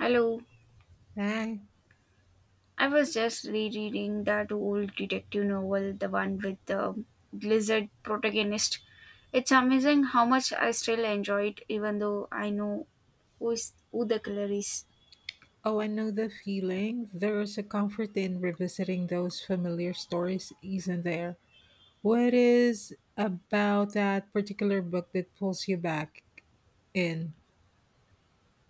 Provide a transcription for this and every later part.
Hello. Hi. I was just rereading that old detective novel, the one with the lizard protagonist. It's amazing how much I still enjoy it, even though I know who the killer is. Oh, I know the feeling. There is a comfort in revisiting those familiar stories, isn't there? What is about that particular book that pulls you back in?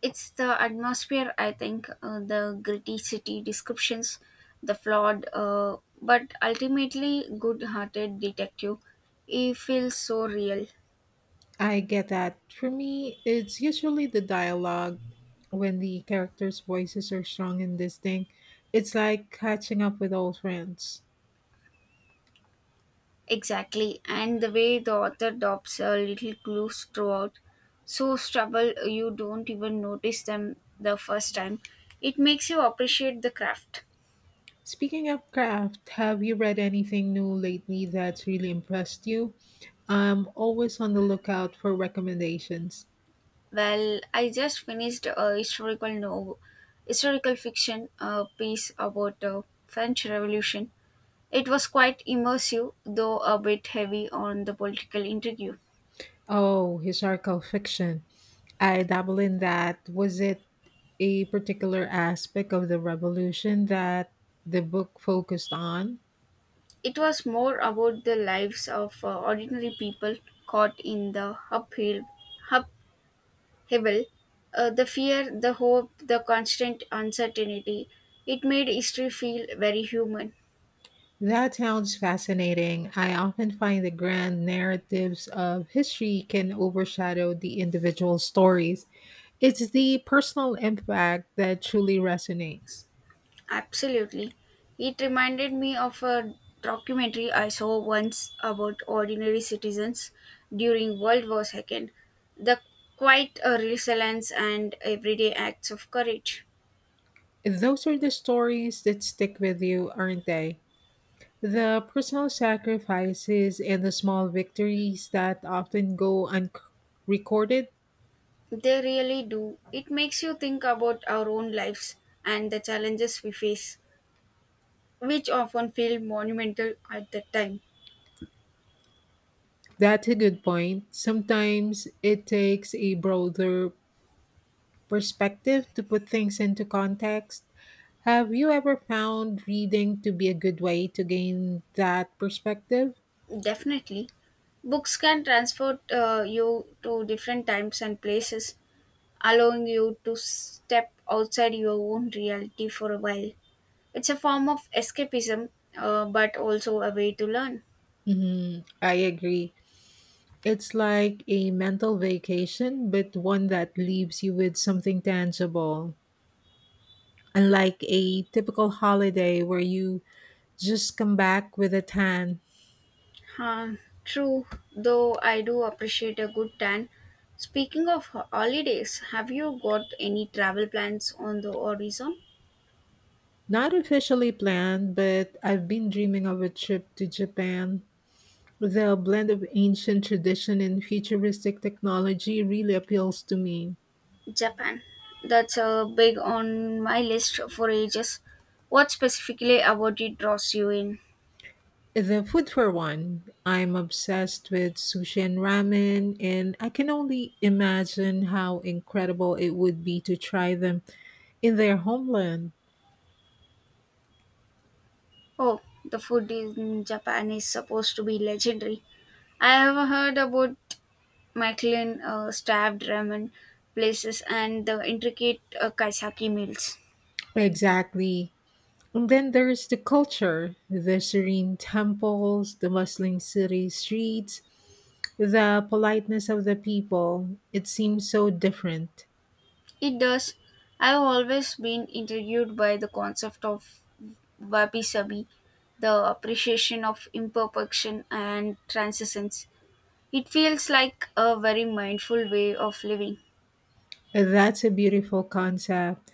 It's the atmosphere, I think, the gritty city descriptions, the flawed but ultimately good hearted detective. He feels so real. I get that. For me, it's usually the dialogue when the characters' voices are strong and distinct. It's like catching up with old friends. Exactly, and the way the author drops a little clues throughout, so subtle you don't even notice them the first time. It makes you appreciate the craft. Speaking of craft, have you read anything new lately that's really impressed you? I'm always on the lookout for recommendations. Well, I just finished a historical fiction piece about the French Revolution. It was quite immersive, though a bit heavy on the political intrigue. Oh, historical fiction. I dabble in that. Was it a particular aspect of the revolution that the book focused on? It was more about the lives of ordinary people caught in the upheaval Hebel, the fear, the hope, the constant uncertainty. It made history feel very human. That sounds fascinating. I often find the grand narratives of history can overshadow the individual stories. It's the personal impact that truly resonates. Absolutely. It reminded me of a documentary I saw once about ordinary citizens during World War II. The quite a resilience and everyday acts of courage. Those are the stories that stick with you, aren't they? The personal sacrifices and the small victories that often go unrecorded. They really do. It makes you think about our own lives and the challenges we face, which often feel monumental at the time. That's a good point. Sometimes it takes a broader perspective to put things into context. Have you ever found reading to be a good way to gain that perspective? Definitely. Books can transport you to different times and places, allowing you to step outside your own reality for a while. It's a form of escapism, but also a way to learn. Mm-hmm. I agree. It's like a mental vacation, but one that leaves you with something tangible unlike a typical holiday where you just come back with a tan. Huh, true, though I do appreciate a good tan. Speaking of holidays, have you got any travel plans on the horizon? Not officially planned, but I've been dreaming of a trip to Japan. The blend of ancient tradition and futuristic technology really appeals to me. Japan. That's a big on my list for ages. What specifically about it draws you in? The food for one, I'm obsessed with sushi and ramen, and I can only imagine how incredible it would be to try them in their homeland. Oh, the food in Japan is supposed to be legendary. I have heard about Michelin stabbed ramen places and the intricate kaisaki meals. Exactly. And then there's the culture, the serene temples, the bustling city streets, the politeness of the people. It seems so different. It does. I've always been intrigued by the concept of wabi sabi, the appreciation of imperfection and transcendence. It feels like a very mindful way of living. That's a beautiful concept.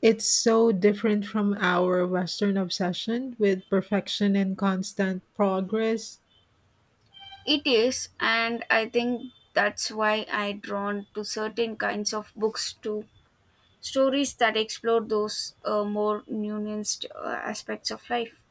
It's so different from our Western obsession with perfection and constant progress. It is, and I think that's why I drawn to certain kinds of books too. Stories that explore those more nuanced aspects of life.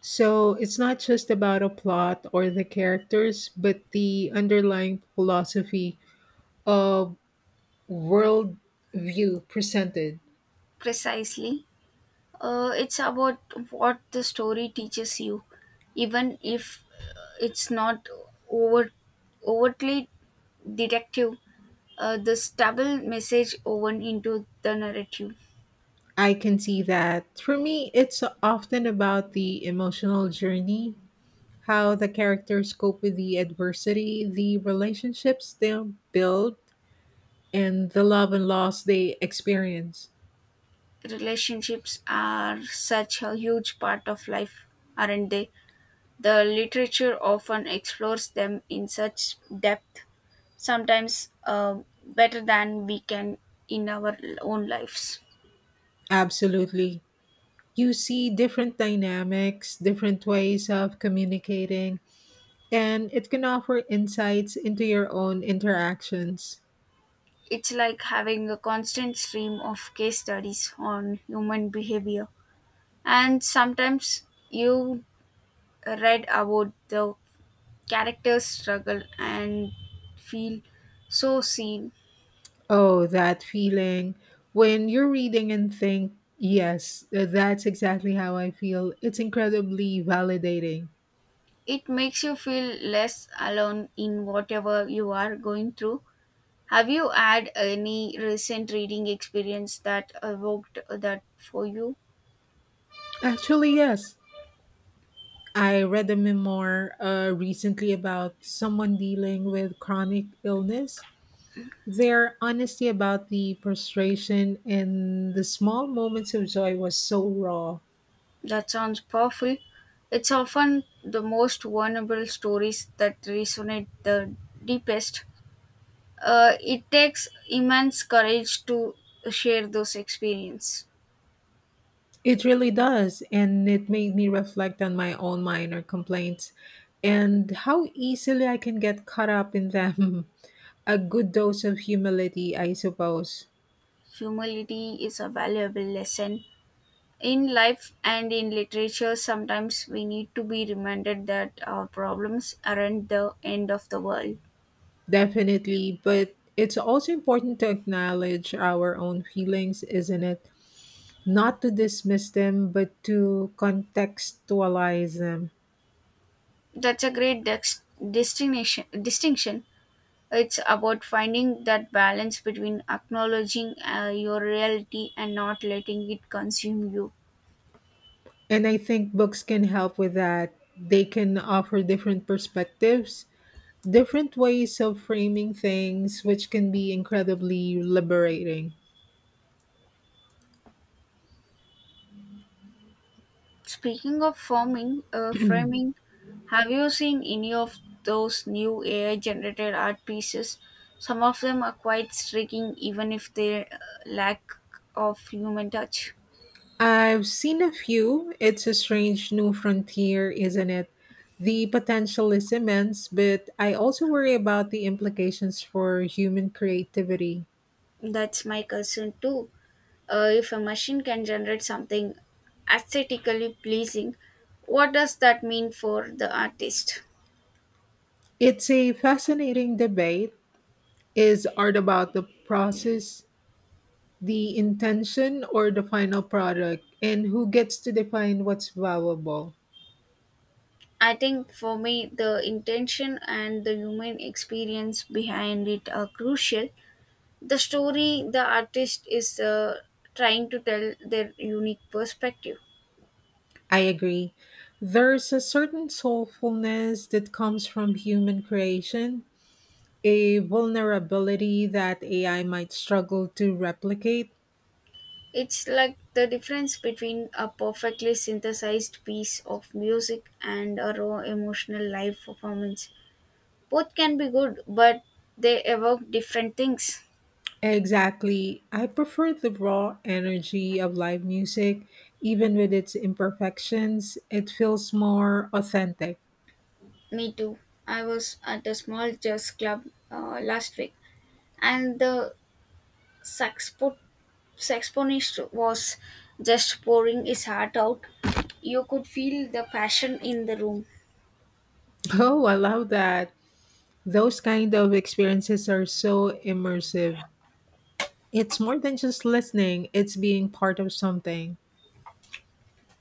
So it's not just about a plot or the characters, but the underlying philosophy of world view presented. Precisely. It's about what the story teaches you, even if it's not over, overtly detective. The stubble message woven into the narrative. I can see that. For me, it's often about the emotional journey, how the characters cope with the adversity, the relationships they build, and the love and loss they experience. Relationships are such a huge part of life, aren't they? The literature often explores them in such depth, sometimes better than we can in our own lives. Absolutely. You see different dynamics, different ways of communicating, and it can offer insights into your own interactions. It's like having a constant stream of case studies on human behavior. And sometimes you read about the character's struggle and feel so seen. Oh, that feeling when you're reading and think, yes, that's exactly how I feel. It's incredibly validating. It makes you feel less alone in whatever you are going through. Have you had any recent reading experience that evoked that for you? Actually, yes. I read a memoir recently about someone dealing with chronic illness. Their honesty about the frustration and the small moments of joy was so raw. That sounds powerful. It's often the most vulnerable stories that resonate the deepest. It takes immense courage to share those experiences. It really does, and it made me reflect on my own minor complaints and how easily I can get caught up in them. A good dose of humility, I suppose. Humility is a valuable lesson. In life and in literature, sometimes we need to be reminded that our problems aren't the end of the world. Definitely, but it's also important to acknowledge our own feelings, isn't it? Not to dismiss them, but to contextualize them. That's a great distinction. It's about finding that balance between acknowledging your reality and not letting it consume you. And I think books can help with that. They can offer different perspectives different ways of framing things, which can be incredibly liberating. Speaking of framing, have you seen any of those new AI generated art pieces? Some of them are quite striking, even if they lack of human touch. I've seen a few. It's a strange new frontier, isn't it? The potential is immense, but I also worry about the implications for human creativity. That's my concern too. If a machine can generate something aesthetically pleasing, what does that mean for the artist? It's a fascinating debate. Is art about the process, the intention, or the final product, and who gets to define what's valuable? I think for me, the intention and the human experience behind it are crucial. The story the artist is trying to tell their unique perspective. I agree. There's a certain soulfulness that comes from human creation, a vulnerability that AI might struggle to replicate. It's like the difference between a perfectly synthesized piece of music and a raw emotional live performance. Both can be good, but they evoke different things. Exactly. I prefer the raw energy of live music, even with its imperfections. It feels more authentic. Me too. I was at a small jazz club last week, and the saxpo- saxophonist was just pouring his heart out. You could feel the passion in the room. Oh, I love that. Those kind of experiences are so immersive. It's more than just listening, it's being part of something.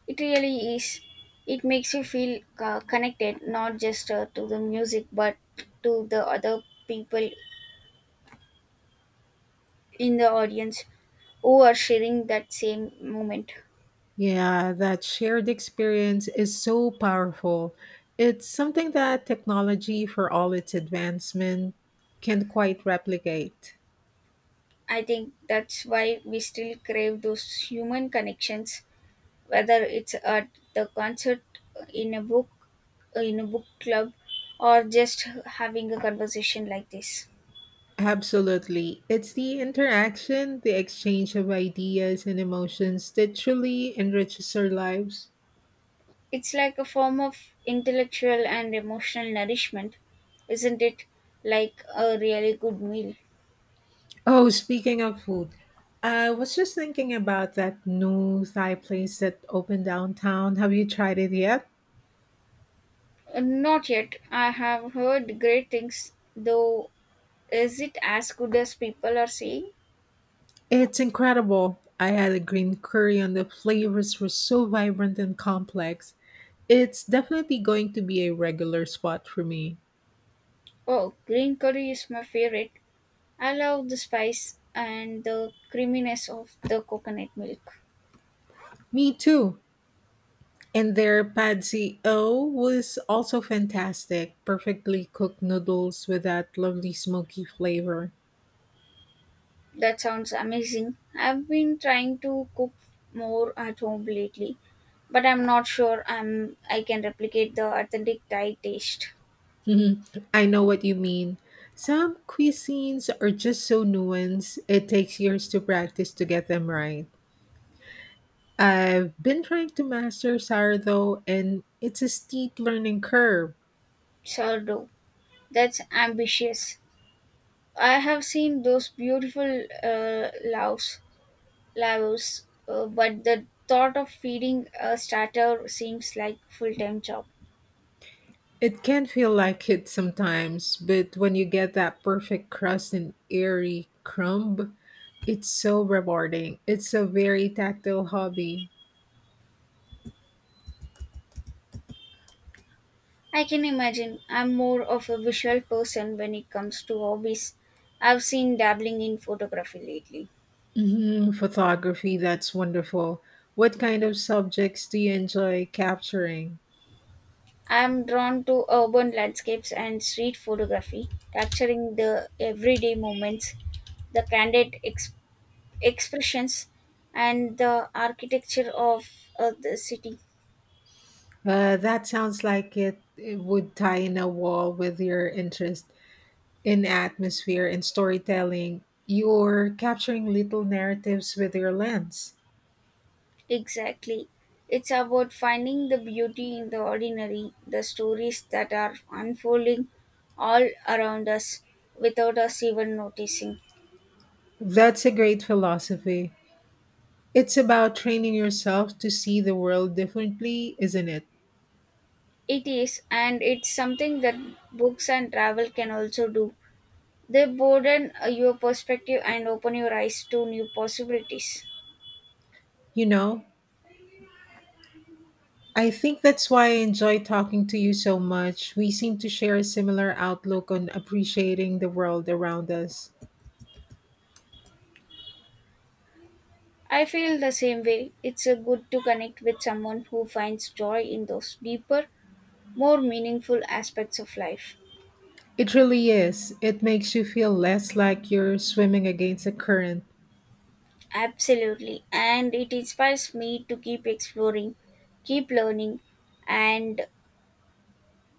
It really is. It makes you feel connected, not just to the music, but to the other people in the audience who are sharing that same moment. Yeah, that shared experience is so powerful. It's something that technology, for all its advancement, can't quite replicate. I think that's why we still crave those human connections, whether it's at the concert, in a book, in a book club, or just having a conversation like this. Absolutely. It's the interaction, the exchange of ideas and emotions that truly enriches our lives. It's like a form of intellectual and emotional nourishment, isn't it? Like a really good meal. Oh, speaking of food, I was just thinking about that new Thai place that opened downtown. Have you tried it yet? Not yet. I have heard great things, though. Is it as good as people are saying? It's incredible. I had a green curry and the flavors were so vibrant and complex. It's definitely going to be a regular spot for me. Oh, green curry is my favorite. I love the spice and the creaminess of the coconut milk. Me too. And their pad see ew was also fantastic. Perfectly cooked noodles with that lovely smoky flavor. That sounds amazing. I've been trying to cook more at home lately, but I'm not sure I can replicate the authentic Thai taste. Mhm. I know what you mean. Some cuisines are just so nuanced, it takes years to practice to get them right. I've been trying to master sourdough and it's a steep learning curve. Sourdough. That's ambitious. I have seen those beautiful uh, laos, laos, but the thought of feeding a starter seems like full-time job. It can feel like it sometimes, but when you get that perfect crust and airy crumb, it's so rewarding. It's a very tactile hobby. I can imagine I'm more of a visual person when it comes to hobbies. I've seen dabbling in photography lately. Hmm. Photography, that's wonderful. What kind of subjects do you enjoy capturing? I'm drawn to urban landscapes and street photography, capturing the everyday moments, the candid expressions, and the architecture of the city. That sounds like it would tie in a wall with your interest in atmosphere and storytelling, you're capturing little narratives with your lens. Exactly. It's about finding the beauty in the ordinary, the stories that are unfolding all around us without us even noticing. That's a great philosophy. It's about training yourself to see the world differently, isn't it? It is, and it's something that books and travel can also do. They broaden your perspective and open your eyes to new possibilities. You know, I think that's why I enjoy talking to you so much. We seem to share a similar outlook on appreciating the world around us. I feel the same way. It's a good to connect with someone who finds joy in those deeper, more meaningful aspects of life. It really is. It makes you feel less like you're swimming against a current. Absolutely. And it inspires me to keep exploring, keep learning, and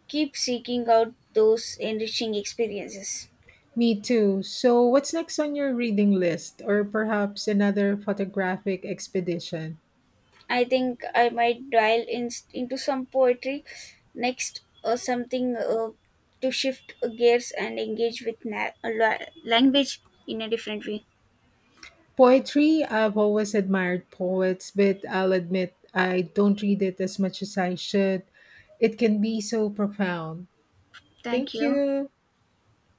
keep seeking out those enriching experiences. Me too. So, what's next on your reading list, or perhaps another photographic expedition? I think I might into some poetry next or something to shift gears and engage with language in a different way. Poetry, I've always admired poets, but I'll admit I don't read it as much as I should. It can be so profound. Thank Thank you. you.